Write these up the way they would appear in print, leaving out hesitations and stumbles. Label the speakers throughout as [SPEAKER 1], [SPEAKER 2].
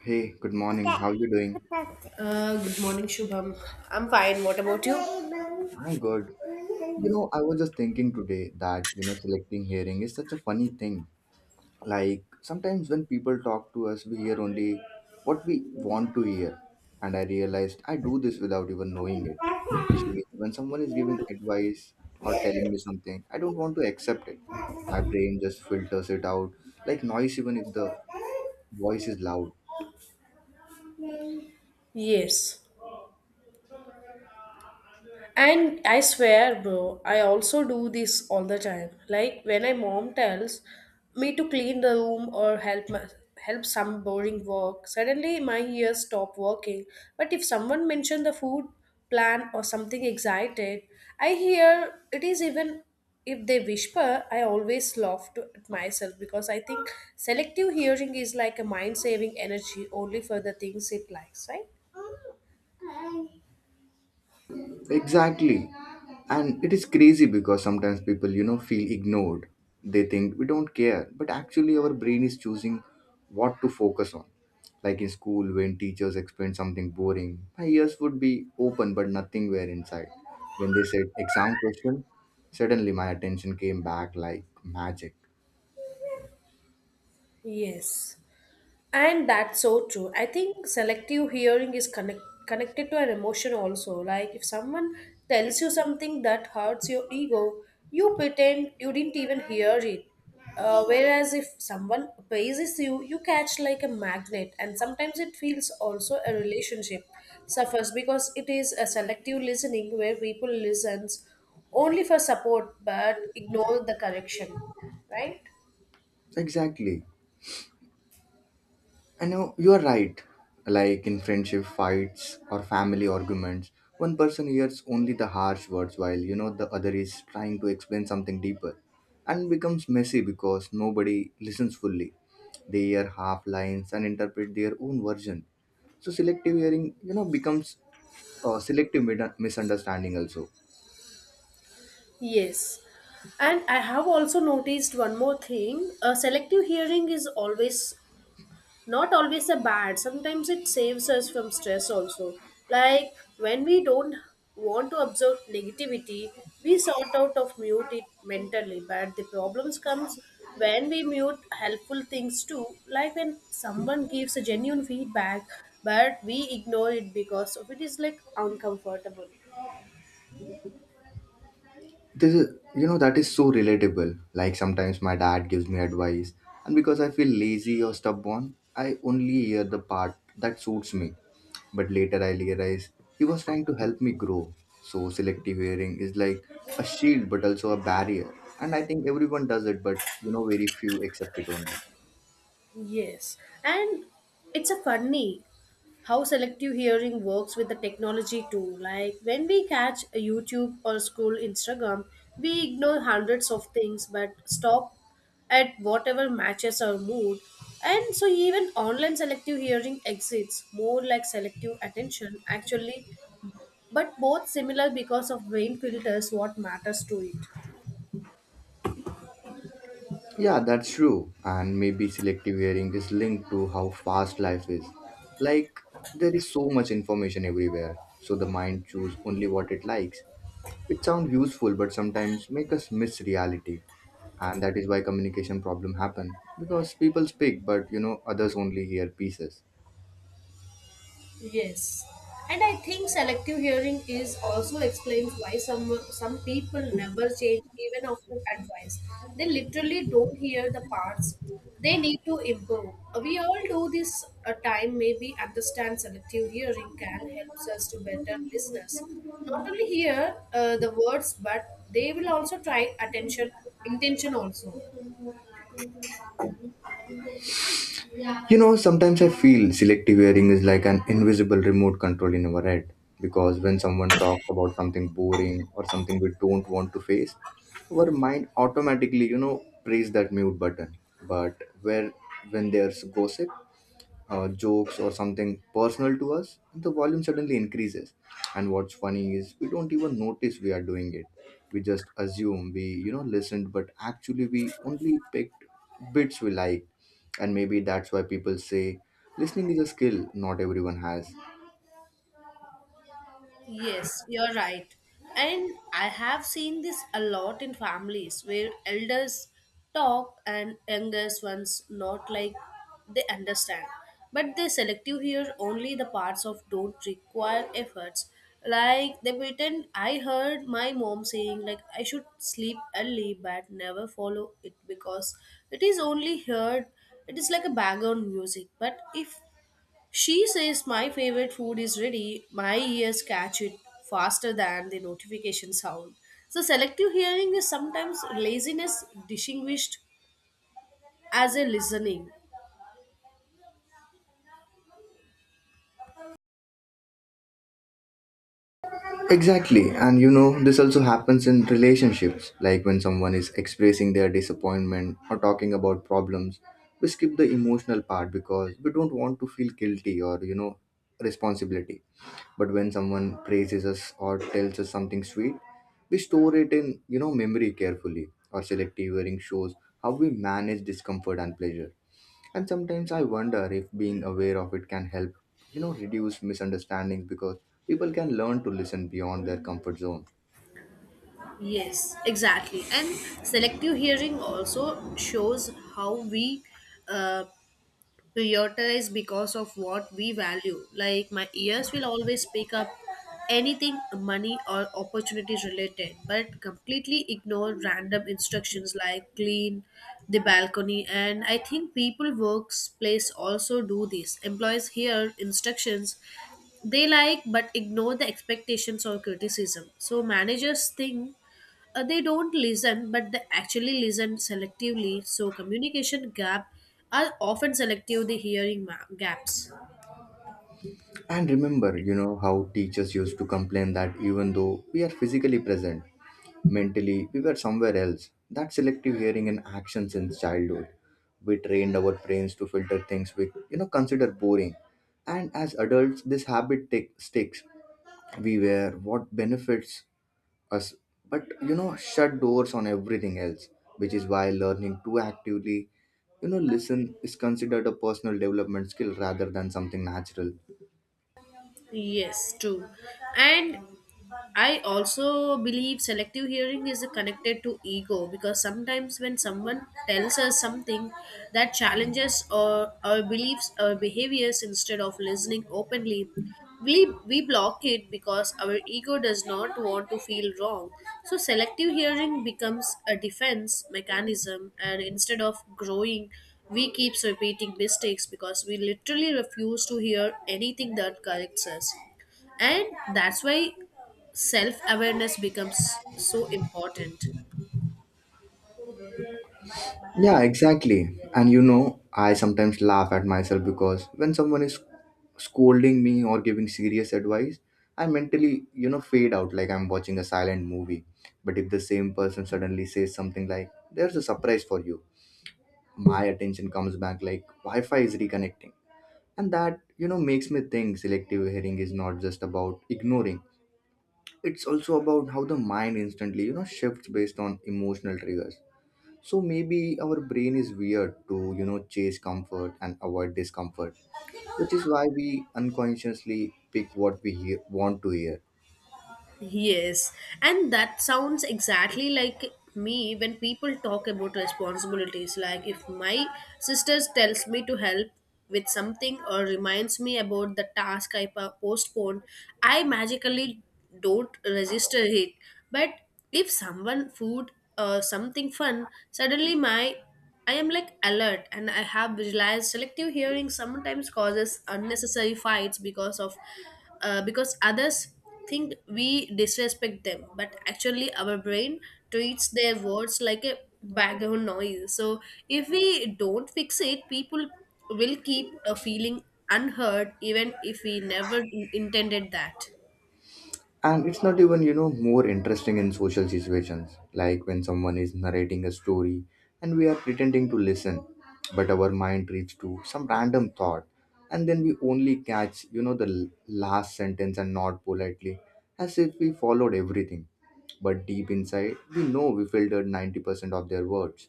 [SPEAKER 1] Hey, good morning. How you doing?
[SPEAKER 2] Good morning, Shubham. I'm fine. What about you?
[SPEAKER 1] I'm good. You know, I was just thinking today that, you know, selecting hearing is such a funny thing. Like, sometimes when people talk to us, we hear only what we want to hear. And I realized I do this without even knowing it. Especially when someone is giving advice or telling me something, I don't want to accept it. My brain just filters it out like noise, even if the voice is loud.
[SPEAKER 2] Yes. And I swear, bro, I also do this all the time. Like when my mom tells me to clean the room or help some boring work, suddenly my ears stop working. But if someone mentioned the food plan or something excited, I hear it is even if they whisper, I always at myself because I think selective hearing is like a mind saving energy only for the things it likes, right?
[SPEAKER 1] Exactly. And it is crazy because sometimes people, you know, feel ignored. They think we don't care, but actually, our brain is choosing what to focus on. Like in school, when teachers explain something boring, my ears would be open, but nothing were inside. When they said exam question, suddenly my attention came back like magic.
[SPEAKER 2] Yes. And that's so true. I think selective hearing is connected to an emotion also. Like if someone tells you something that hurts your ego, you pretend you didn't even hear it. Whereas if someone praises you, you catch like a magnet, and sometimes it feels also a relationship suffers because it is a selective listening where people listens only for support but ignore the correction, right?
[SPEAKER 1] Exactly. I know you are right. Like in friendship fights or family arguments, one person hears only the harsh words while you know the other is trying to explain something deeper and becomes messy because nobody listens fully. They hear half lines and interpret their own version. So selective hearing, you know, becomes selective misunderstanding also.
[SPEAKER 2] Yes. And I have also noticed one more thing. Selective hearing is always not always a bad. Sometimes it saves us from stress also. Like when we don't want to absorb negativity, we sort out of mute it mentally. But the problems comes when we mute helpful things too. Like when someone gives a genuine feedback, but we ignore it because of it is like uncomfortable.
[SPEAKER 1] This is, you know, that is so relatable. Like sometimes my dad gives me advice, and because I feel lazy or stubborn, I only hear the part that suits me. But later I realize he was trying to help me grow. So selective hearing is like a shield but also a barrier. And I think everyone does it, but you know, very few accept it only.
[SPEAKER 2] Yes, and it's a funny how selective hearing works with the technology too. Like when we catch a YouTube or scroll Instagram, we ignore hundreds of things but stop at whatever matches our mood. And so even online selective hearing exists more like selective attention actually, but both similar because of brain filters what matters to it.
[SPEAKER 1] Yeah, that's true. And maybe selective hearing is linked to how fast life is. Like, there is so much information everywhere, so the mind chooses only what it likes. It sounds useful, but sometimes make us miss reality. And that is why communication problem happen. Because people speak, but you know, others only hear pieces.
[SPEAKER 2] Yes. And I think selective hearing is also explains why some people never change even after advice. They literally don't hear the parts they need to improve. We all do this a time maybe understand selective hearing can helps us to better listeners. Not only hear the words but they will also try attention intention also.
[SPEAKER 1] You know, sometimes I feel selective hearing is like an invisible remote control in our head. Because when someone talks about something boring or something we don't want to face, our mind automatically, you know, press that mute button. But where when there's gossip, jokes or something personal to us, the volume suddenly increases. And what's funny is we don't even notice we are doing it. We just assume we, you know, listened, but actually we only picked bits we liked. And maybe that's why people say listening is a skill not everyone has.
[SPEAKER 2] Yes, you're right. And I have seen this a lot in families where elders talk and youngest ones not like they understand. But they selective hear only the parts of don't require efforts. Like they pretend I heard my mom saying like I should sleep early but never follow it because it is only heard it is like a background music. But if she says my favorite food is ready. My ears catch it faster than the notification sound. So selective hearing is sometimes laziness distinguished as a listening.
[SPEAKER 1] Exactly. And you know, this also happens in relationships, like when someone is expressing their disappointment or talking about problems. We skip the emotional part because we don't want to feel guilty or, you know, responsibility. But when someone praises us or tells us something sweet, we store it in, you know, memory carefully. Or selective hearing shows how we manage discomfort and pleasure. And sometimes I wonder if being aware of it can help, you know, reduce misunderstandings because people can learn to listen beyond their comfort zone.
[SPEAKER 2] Yes, exactly. And selective hearing also shows how we uh, prioritize because of what we value. Like my ears will always pick up anything money or opportunities related, but completely ignore random instructions like clean the balcony. And I think people workplace also do this. Employees hear instructions they like but ignore the expectations or criticism. So managers think they don't listen, but they actually listen selectively. So communication gap are often selective. The gaps.
[SPEAKER 1] And remember, you know, how teachers used to complain that even though we are physically present, mentally we were somewhere else. That selective hearing and action since childhood. We trained our brains to filter things we, you know, consider boring. And as adults, this habit tick sticks. We wear what benefits us, but you know, shut doors on everything else, which is why learning to actively, you know, listen is considered a personal development skill rather than something natural.
[SPEAKER 2] Yes, true. And I also believe selective hearing is connected to ego because sometimes when someone tells us something that challenges our beliefs or behaviors instead of listening openly, we block it because our ego does not want to feel wrong. So, selective hearing becomes a defense mechanism, and instead of growing, we keep repeating mistakes because we literally refuse to hear anything that corrects us and that's why self awareness becomes so important.
[SPEAKER 1] Yeah, exactly. And you know, I sometimes laugh at myself because when someone is scolding me or giving serious advice, I mentally, you know, fade out like I'm watching a silent movie. But if the same person suddenly says something like there's a surprise for you, my attention comes back like wi-fi is reconnecting. And that, you know, makes me think selective hearing is not just about ignoring, it's also about how the mind instantly, you know, shifts based on emotional triggers. So maybe our brain is weird to, you know, chase comfort and avoid discomfort, which is why we unconsciously pick what we want to hear.
[SPEAKER 2] Yes, and that sounds exactly like me when people talk about responsibilities. Like if my sister tells me to help with something or reminds me about the postponed, I magically don't register it. But if someone food something fun, suddenly my I am like alert and I have realized selective hearing sometimes causes unnecessary fights because of because others think we disrespect them but actually our brain treats their words like a background noise so if we don't fix it people will keep a feeling unheard even if we never intended that.
[SPEAKER 1] And it's not even, you know, more interesting in social situations, like when someone is narrating a story and we are pretending to listen, but our mind reads to some random thought, and then we only catch, you know, the last sentence and nod politely as if we followed everything. But deep inside we know we filtered 90% of their words.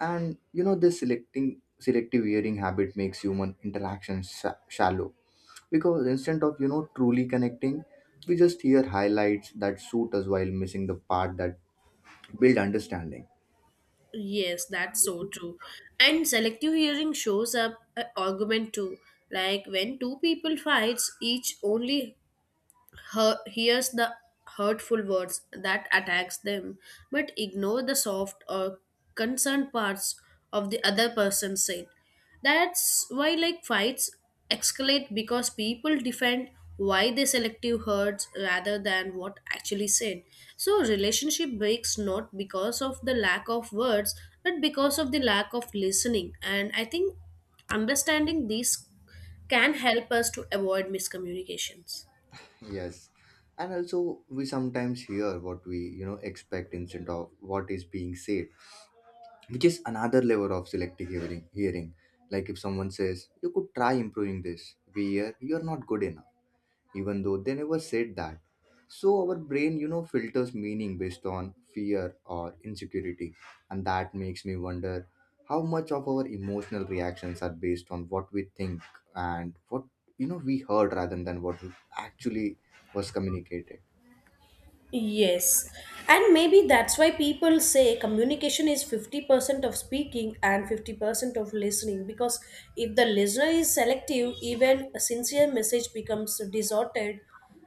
[SPEAKER 1] And you know, this selecting selective hearing habit makes human interaction shallow because instead of, you know, truly connecting, we just hear highlights that suit us while missing the part that build understanding.
[SPEAKER 2] Yes, that's so true. And selective hearing shows up an argument too. Like when two people fights, each only hears the hurtful words that attacks them but ignore the soft or concerned parts of the other person said that's why like fights escalate because people defend why they selective hurts rather than what actually said so relationship breaks not because of the lack of words but because of the lack of listening and I think understanding these can help us to avoid miscommunications.
[SPEAKER 1] Yes, and also we sometimes hear what we, you know, expect instead of what is being said, which is another level of selective hearing. Like if someone says you could try improving this, we hear you're not good enough, even though they never said that. So our brain, you know, filters meaning based on fear or insecurity. And that makes me wonder how much of our emotional reactions are based on what we think and what, you know, we heard rather than what we actually was communicated.
[SPEAKER 2] Yes. And maybe that's why people say communication is 50% of speaking and 50% of listening because if the listener is selective, even a sincere message becomes distorted.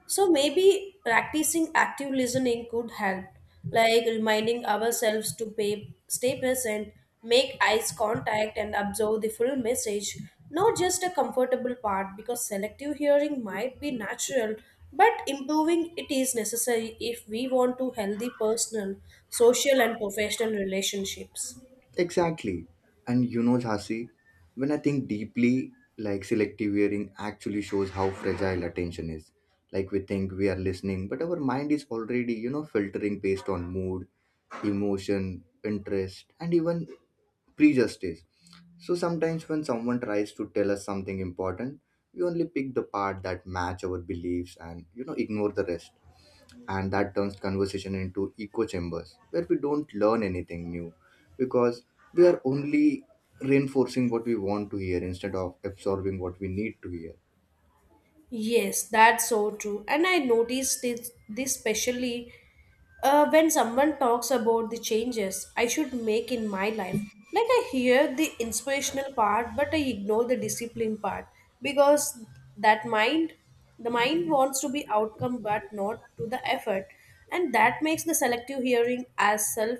[SPEAKER 2] So maybe practicing active listening could help like reminding ourselves to stay present, make eyes contact, and observe the full message, not just a comfortable part, because selective hearing might be natural, but improving it is necessary if we want to healthy personal, social, and professional relationships.
[SPEAKER 1] Exactly. And you know, Jhansi, when I think deeply, like selective hearing actually shows how fragile attention is. Like we think we are listening, but our mind is already, you know, filtering based on mood emotion, interest, and even prejudice. So sometimes when someone tries to tell us something important, we only pick the part that match our beliefs, and you know, ignore the rest. And that turns conversation into echo chambers where we don't learn anything new because we are only reinforcing what we want to hear instead of absorbing what we need to hear.
[SPEAKER 2] Yes, that's so true. And I noticed this especially when someone talks about the changes I should make in my life. Like I hear the inspirational part, but I ignore the discipline part because that mind, the mind wants to be outcome but not to the effort, and that makes the selective hearing as self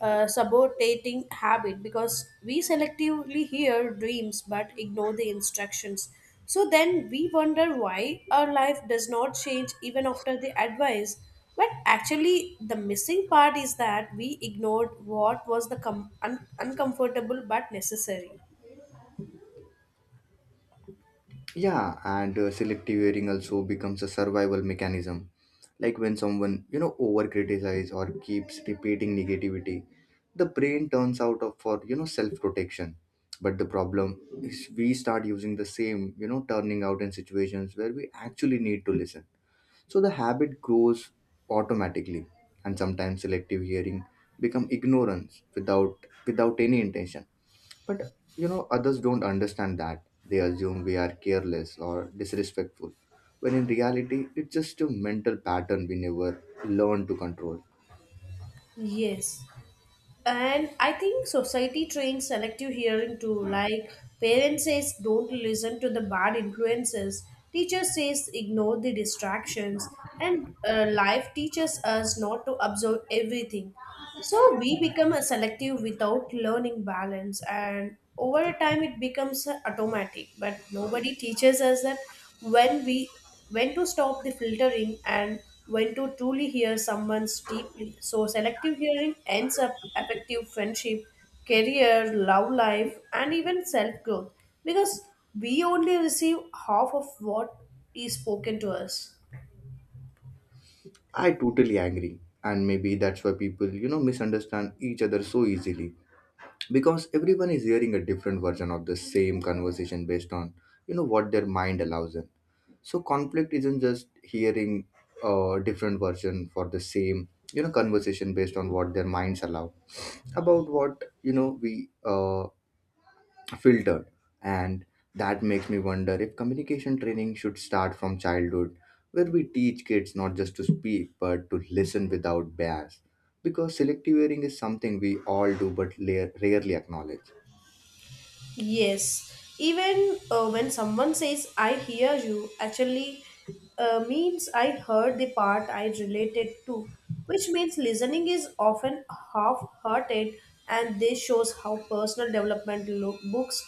[SPEAKER 2] sabotating habit because we selectively hear dreams but ignore the instructions. So then we wonder why our life does not change even after the advice. But actually, the missing part is that we ignored what was the uncomfortable but necessary.
[SPEAKER 1] Yeah, and selective hearing also becomes a survival mechanism. Like when someone, you know, over criticize or keeps repeating negativity, the brain turns out of for, you know, self protection. But the problem is we start using the same, you know, turning out in situations where we actually need to listen, so the habit grows automatically. And sometimes selective hearing become ignorance without any intention. But you know, others don't understand that. They assume we are careless or disrespectful, when in reality, it's just a mental pattern we never learn to control.
[SPEAKER 2] Yes. And I think society trains selective hearing too. Like parents says, don't listen to the bad influences. Teacher says, ignore the distractions. And life teaches us not to absorb everything. So we become a selective without learning balance. And over time, it becomes automatic. But nobody teaches us that when we when to stop the filtering and when to truly hear someone's deeply. So selective hearing ends up affecting friendship, career, love life, and even self-growth because we only receive half of what is spoken to us.
[SPEAKER 1] I totally agree, and maybe that's why people, you know, misunderstand each other so easily, because everyone is hearing a different version of the same conversation based on, you know, what their mind allows them. So conflict isn't just hearing a different version for the same, you know, conversation based on what their minds allow about what you know we filtered. And that makes me wonder if communication training should start from childhood, where we teach kids not just to speak but to listen without bias, because selective hearing is something we all do but rarely acknowledge.
[SPEAKER 2] Yes, even when someone says, I hear you, actually means I heard the part I related to, which means listening is often half hearted, and this shows how personal development books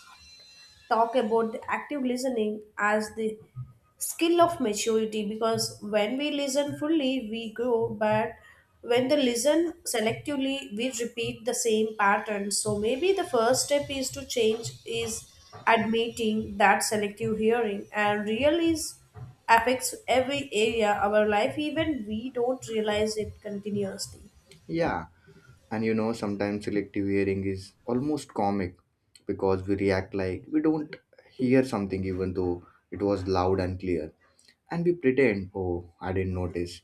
[SPEAKER 2] talk about active listening as the skill of maturity because when we listen fully we grow but when they listen selectively we repeat the same pattern so maybe the first step is to change is admitting that selective hearing and real is affects every area of our life even we don't realize it continuously.
[SPEAKER 1] Yeah, and you know, sometimes selective hearing is almost comic because we react like we don't hear something even though it was loud and clear. And we pretend, oh, I didn't notice,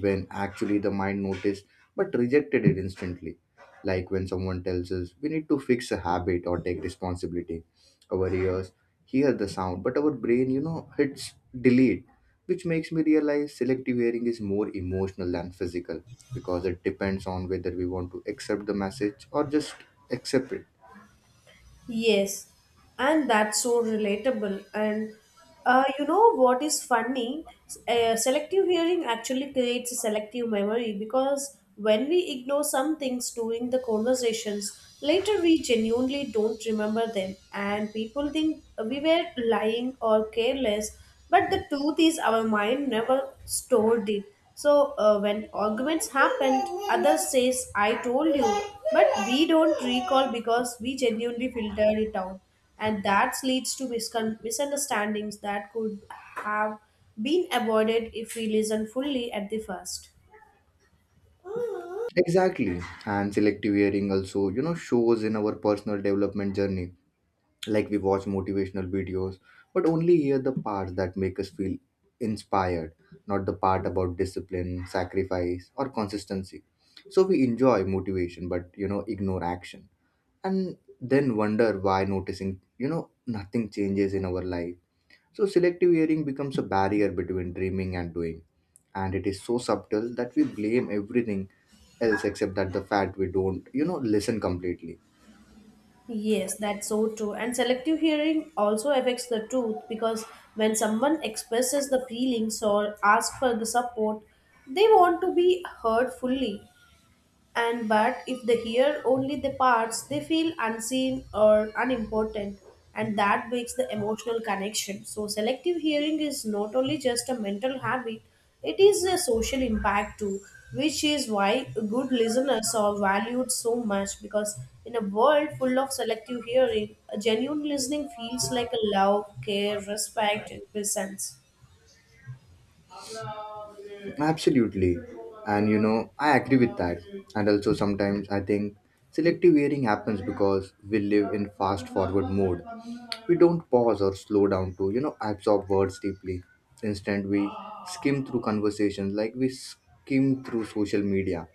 [SPEAKER 1] when actually the mind noticed but rejected it instantly. Like when someone tells us we need to fix a habit or take responsibility, our ears hear the sound, but our brain, you know, hits delete, which makes me realize selective hearing is more emotional than physical, because it depends on whether we want to accept the message or just accept it.
[SPEAKER 2] Yes, and that's so relatable. And you know what is funny? S- selective hearing actually creates a selective memory because when we ignore some things during the conversations, later we genuinely don't remember them, and people think we were lying or careless but the truth is, our mind never stored it. So when arguments happen, others says, "I told you," but we don't recall because we genuinely filtered it out, and that leads to misunderstandings that could have been avoided if we listen fully at the first.
[SPEAKER 1] Exactly. And selective hearing also, you know, shows in our personal development journey. Like we watch motivational videos but only hear the parts that make us feel inspired, not the part about discipline sacrifice or consistency. So we enjoy motivation but, you know, ignore action, and then wonder why noticing, you know, nothing changes in our life. So selective hearing becomes a barrier between dreaming and doing, and it is so subtle that we blame everything else except that the fact we don't, you know, listen completely.
[SPEAKER 2] Yes, that's so true. And selective hearing also affects the truth because when someone expresses the feelings or asks for the support, they want to be heard fully. And but if they hear only the parts they feel unseen or unimportant and that breaks the emotional connection so selective hearing is not only just a mental habit it is a social impact too which is why good listeners are valued so much because in a world full of selective hearing a genuine listening feels like a love care respect and presence
[SPEAKER 1] Absolutely. And you know, I agree with that. And also, sometimes I think selective hearing happens because we live in fast forward mode. We don't pause or slow down to, you know, absorb words deeply. Instead, we skim through conversations like we skim through social media,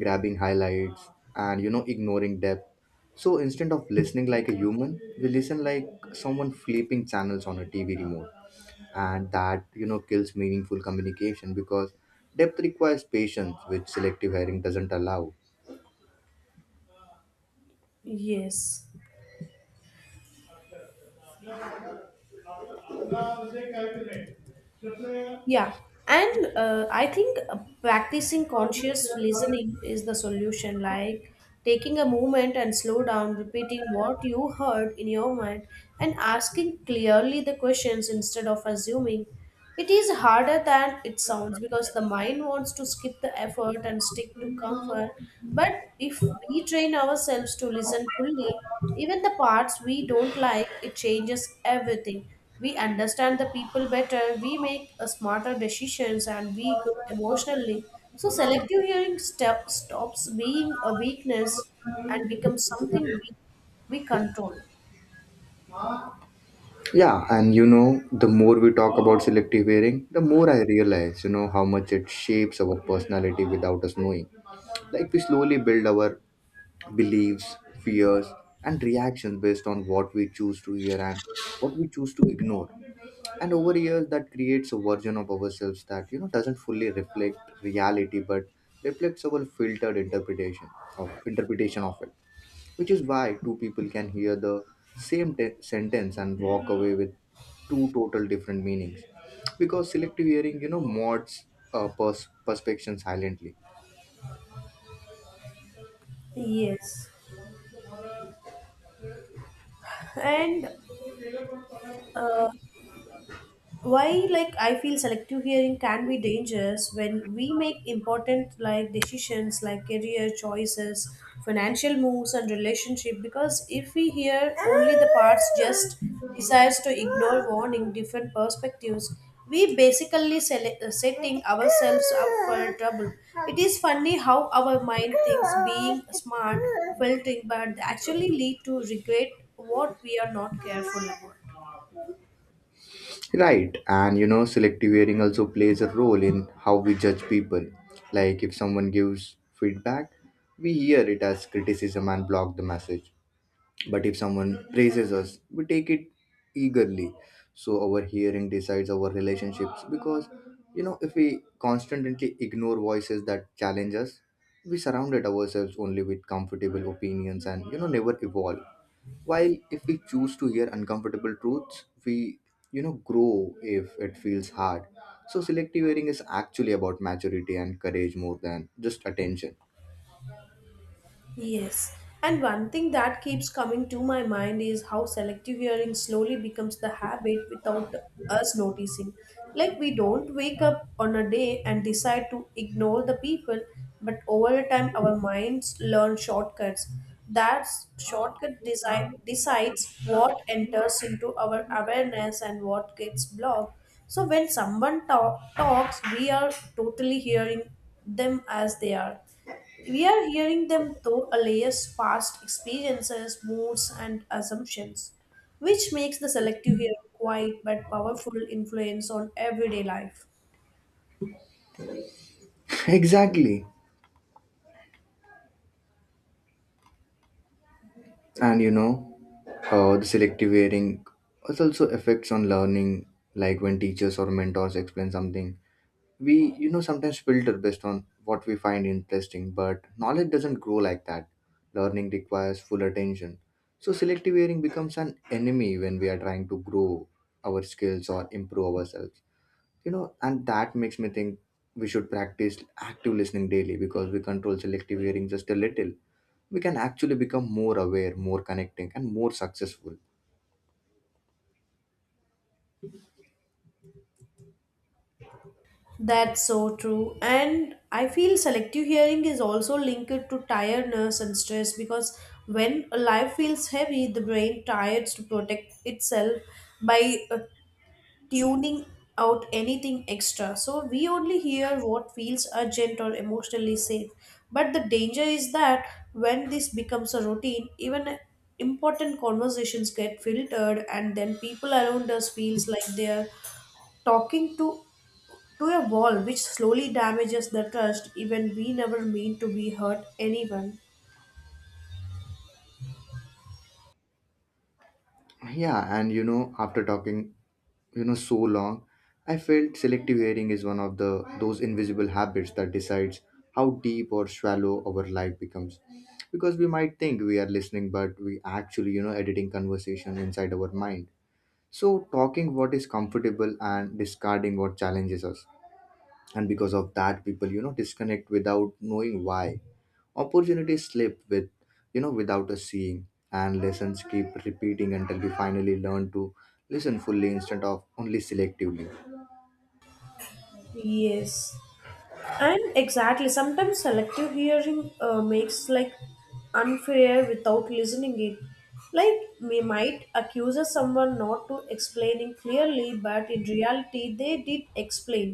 [SPEAKER 1] grabbing highlights and, you know, ignoring depth. So instead of listening like a human, we listen like someone flipping channels on a TV remote, and that kills meaningful communication because depth requires patience which selective hearing doesn't allow.
[SPEAKER 2] yes. Yeah, and I think practicing conscious listening is the solution. Like taking a moment and slow down, repeating what you heard in your mind, and asking clearly the questions instead of assuming. It is harder than it sounds because the mind wants to skip the effort and stick to comfort. But if we train ourselves to listen fully, even the parts we don't like, it changes everything. We understand the people better, we make a smarter decisions, and we grow emotionally. So selective hearing step stops being a weakness and becomes something we control.
[SPEAKER 1] Yeah, and the more we talk about selective hearing, the more I realize how much it shapes our personality without us knowing. Like we slowly build our beliefs, fears, and reactions based on what we choose to hear and what we choose to ignore, and over years that creates a version of ourselves that doesn't fully reflect reality but reflects our filtered interpretation of it, which is why two people can hear the sentence and walk away with two total different meanings because selective hearing mods perspection silently.
[SPEAKER 2] Yes, and uh, why like I feel selective hearing can be dangerous when we make important like decisions like career choices financial moves and relationship because if we hear only the parts just decides to ignore warning different perspectives we basically setting ourselves up for trouble it is funny how our mind thinks being smart filtering but actually lead to regret what we are not careful about.
[SPEAKER 1] Right, and you know, selective hearing also plays a role in how we judge people. Like if someone gives feedback, we hear it as criticism and block the message. But if someone praises us, we take it eagerly. So our hearing decides our relationships because, you know, if we constantly ignore voices that challenge us, we surrounded ourselves only with comfortable opinions and, you know, never evolve. While if we choose to hear uncomfortable truths, we grow if it feels hard. So selective hearing is actually about maturity and courage more than just attention.
[SPEAKER 2] Yes, and one thing that keeps coming to my mind is how selective hearing slowly becomes the habit without us noticing. Like we don't wake up on a day and decide to ignore the people, but over time our minds learn shortcuts. That decides what enters into our awareness and what gets blocked. So when someone talks, we are totally hearing them as they are, we are hearing them through a layers past experiences, moods, and assumptions, which makes the selective hearing quiet but powerful influence on everyday life.
[SPEAKER 1] Exactly. And you know, the selective hearing has also effects on learning, like when teachers or mentors explain something, we sometimes filter based on what we find interesting, but knowledge doesn't grow like that. Learning requires full attention. So selective hearing becomes an enemy when we are trying to grow our skills or improve ourselves. And that makes me think we should practice active listening daily, because we control selective hearing just a little, we can actually become more aware, more connecting, and more successful.
[SPEAKER 2] That's so true. And I feel selective hearing is also linked to tiredness and stress because when a life feels heavy, the brain tires to protect itself by tuning out anything extra. So we only hear what feels urgent or emotionally safe. But the danger is that when this becomes a routine, even important conversations get filtered and then people around us feels like they are talking to a wall, which slowly damages the trust even we never mean to be hurt anyone.
[SPEAKER 1] Yeah, and you know, after talking, you know, so long, I felt selective hearing is one of the those invisible habits that decides how deep or shallow our life becomes. Because we might think we are listening, but we actually, you know, editing conversation inside our mind. So talking what is comfortable and discarding what challenges us, and because of that, people disconnect without knowing why, opportunities slip with, without us seeing, and lessons keep repeating until we finally learn to listen fully instead of only selectively.
[SPEAKER 2] Yes. And exactly, sometimes selective hearing makes like unfair without listening it. Like we might accuse someone not to explaining clearly, but in reality they did explain.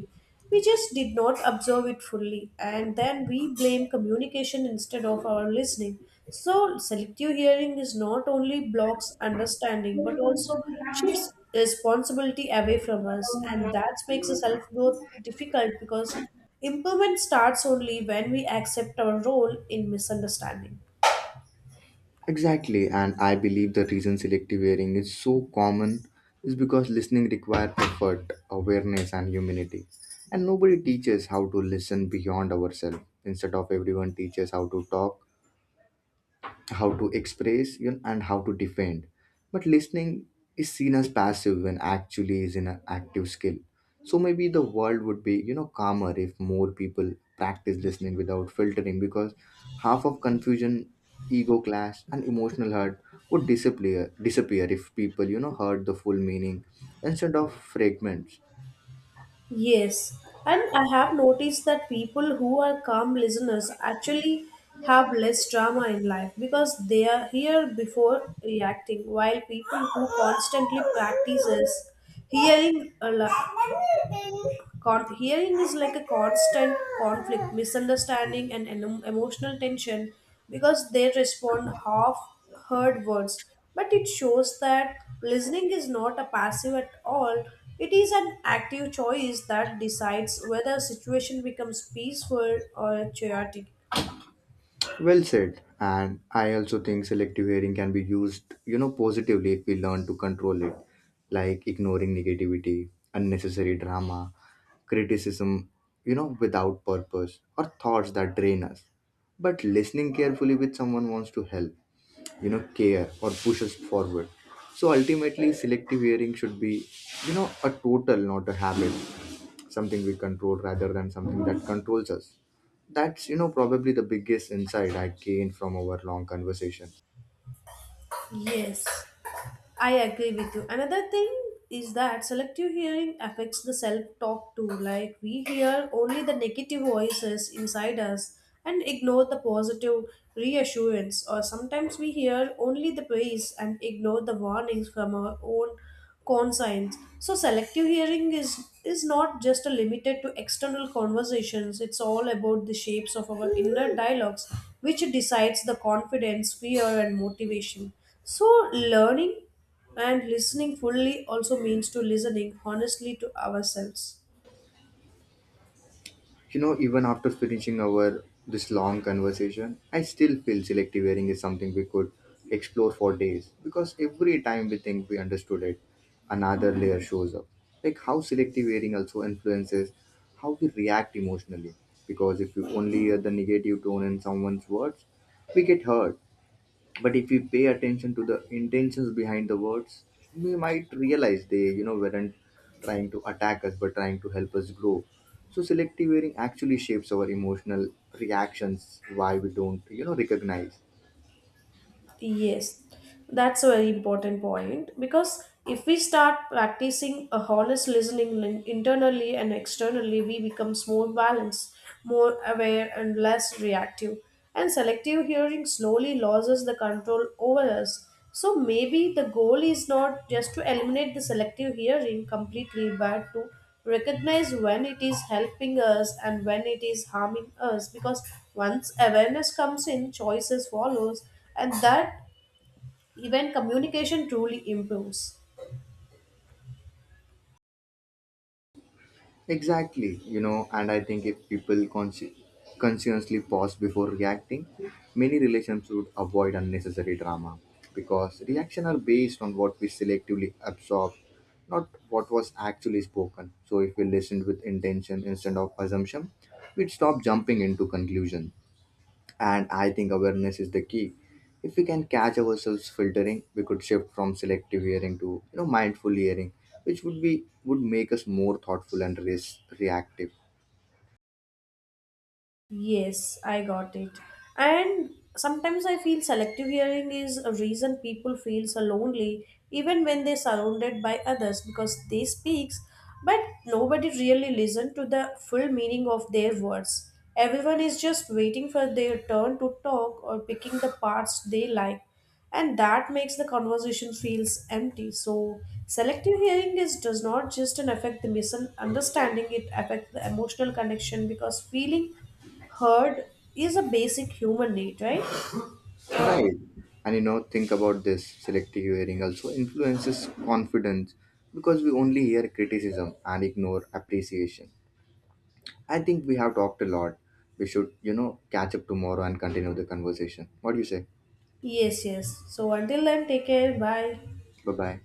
[SPEAKER 2] We just did not observe it fully, and then we blame communication instead of our listening. So selective hearing is not only blocks understanding, but also shifts responsibility away from us, and that makes the self growth difficult because improvement starts only when we accept our role in misunderstanding.
[SPEAKER 1] Exactly, and I believe the reason selective hearing is so common is because listening requires effort, awareness, and humility, and nobody teaches how to listen beyond ourselves. Instead of everyone teaches how to talk, how to express, you know, and how to defend. But listening is seen as passive when actually is an active skill. So maybe the world would be, you know, calmer if more people practice listening without filtering, because half of confusion, ego clash, and emotional hurt would disappear if people heard the full meaning instead of fragments.
[SPEAKER 2] Yes, and I have noticed that people who are calm listeners actually have less drama in life because they are here before reacting, while people who constantly practices hearing a lot, hearing is like a constant conflict, misunderstanding, and emotional tension because they respond half heard words. But it shows that listening is not a passive at all, it is an active choice that decides whether a situation becomes peaceful or chaotic.
[SPEAKER 1] Well said. And I also think selective hearing can be used, you know, positively if we learn to control it, like ignoring negativity, unnecessary drama, criticism, you know, without purpose, or thoughts that drain us. But listening carefully with someone wants to help, you know, care or push us forward. So ultimately, selective hearing should be, you know, a total, not a habit, something we control rather than something that controls us. That's, you know, probably the biggest insight I gained from our long conversation.
[SPEAKER 2] Yes. I agree with you. Another thing is that selective hearing affects the self talk too. Like we hear only the negative voices inside us and ignore the positive reassurance, or sometimes we hear only the praise and ignore the warnings from our own conscience. So selective hearing is not just a limited to external conversations. It's all about the shapes of our inner dialogues, which decides the confidence, fear, and motivation. So, learning and listening fully also means to listening honestly to ourselves.
[SPEAKER 1] You know, even after finishing our this long conversation, I still feel selective hearing is something we could explore for days, because every time we think we understood it, another layer shows up. Like how selective hearing also influences how we react emotionally. Because if we only hear the negative tone in someone's words, we get hurt, but if we pay attention to the intentions behind the words, we might realize they weren't trying to attack us but trying to help us grow. So selective hearing actually shapes our emotional reactions why we don't recognize.
[SPEAKER 2] Yes, that's a very important point because if we start practicing a honest listening internally and externally, we becomes more balanced, more aware, and less reactive. And selective hearing slowly loses the control over us. So maybe the goal is not just to eliminate the selective hearing completely, but to recognize when it is helping us and when it is harming us. Because once awareness comes in, choices follows and that even communication truly improves.
[SPEAKER 1] Exactly, you know, and I think if people consciously pause before reacting, many relations would avoid unnecessary drama, because reactions are based on what we selectively absorb, not what was actually spoken. So if we listened with intention instead of assumption, we'd stop jumping into conclusion. And I think awareness is the key. If we can catch ourselves filtering, we could shift from selective hearing to, you know, mindful hearing, which would make us more thoughtful and less reactive.
[SPEAKER 2] Yes, I got it. And sometimes I feel selective hearing is a reason people feel so lonely even when they're surrounded by others because they speaks but nobody really listen to the full meaning of their words. Everyone is just waiting for their turn to talk or picking the parts they like and that makes the conversation feels empty. So selective hearing is does not just an affect the misunderstanding, it affects the emotional connection because feeling Herd is a basic human need, right?
[SPEAKER 1] Right. And you know, think about this, selective hearing also influences confidence because we only hear criticism and ignore appreciation. I think we have talked a lot. We should, you know, catch up tomorrow and continue the conversation. What do you say?
[SPEAKER 2] Yes, yes. So until then, take care. Bye.
[SPEAKER 1] Bye bye.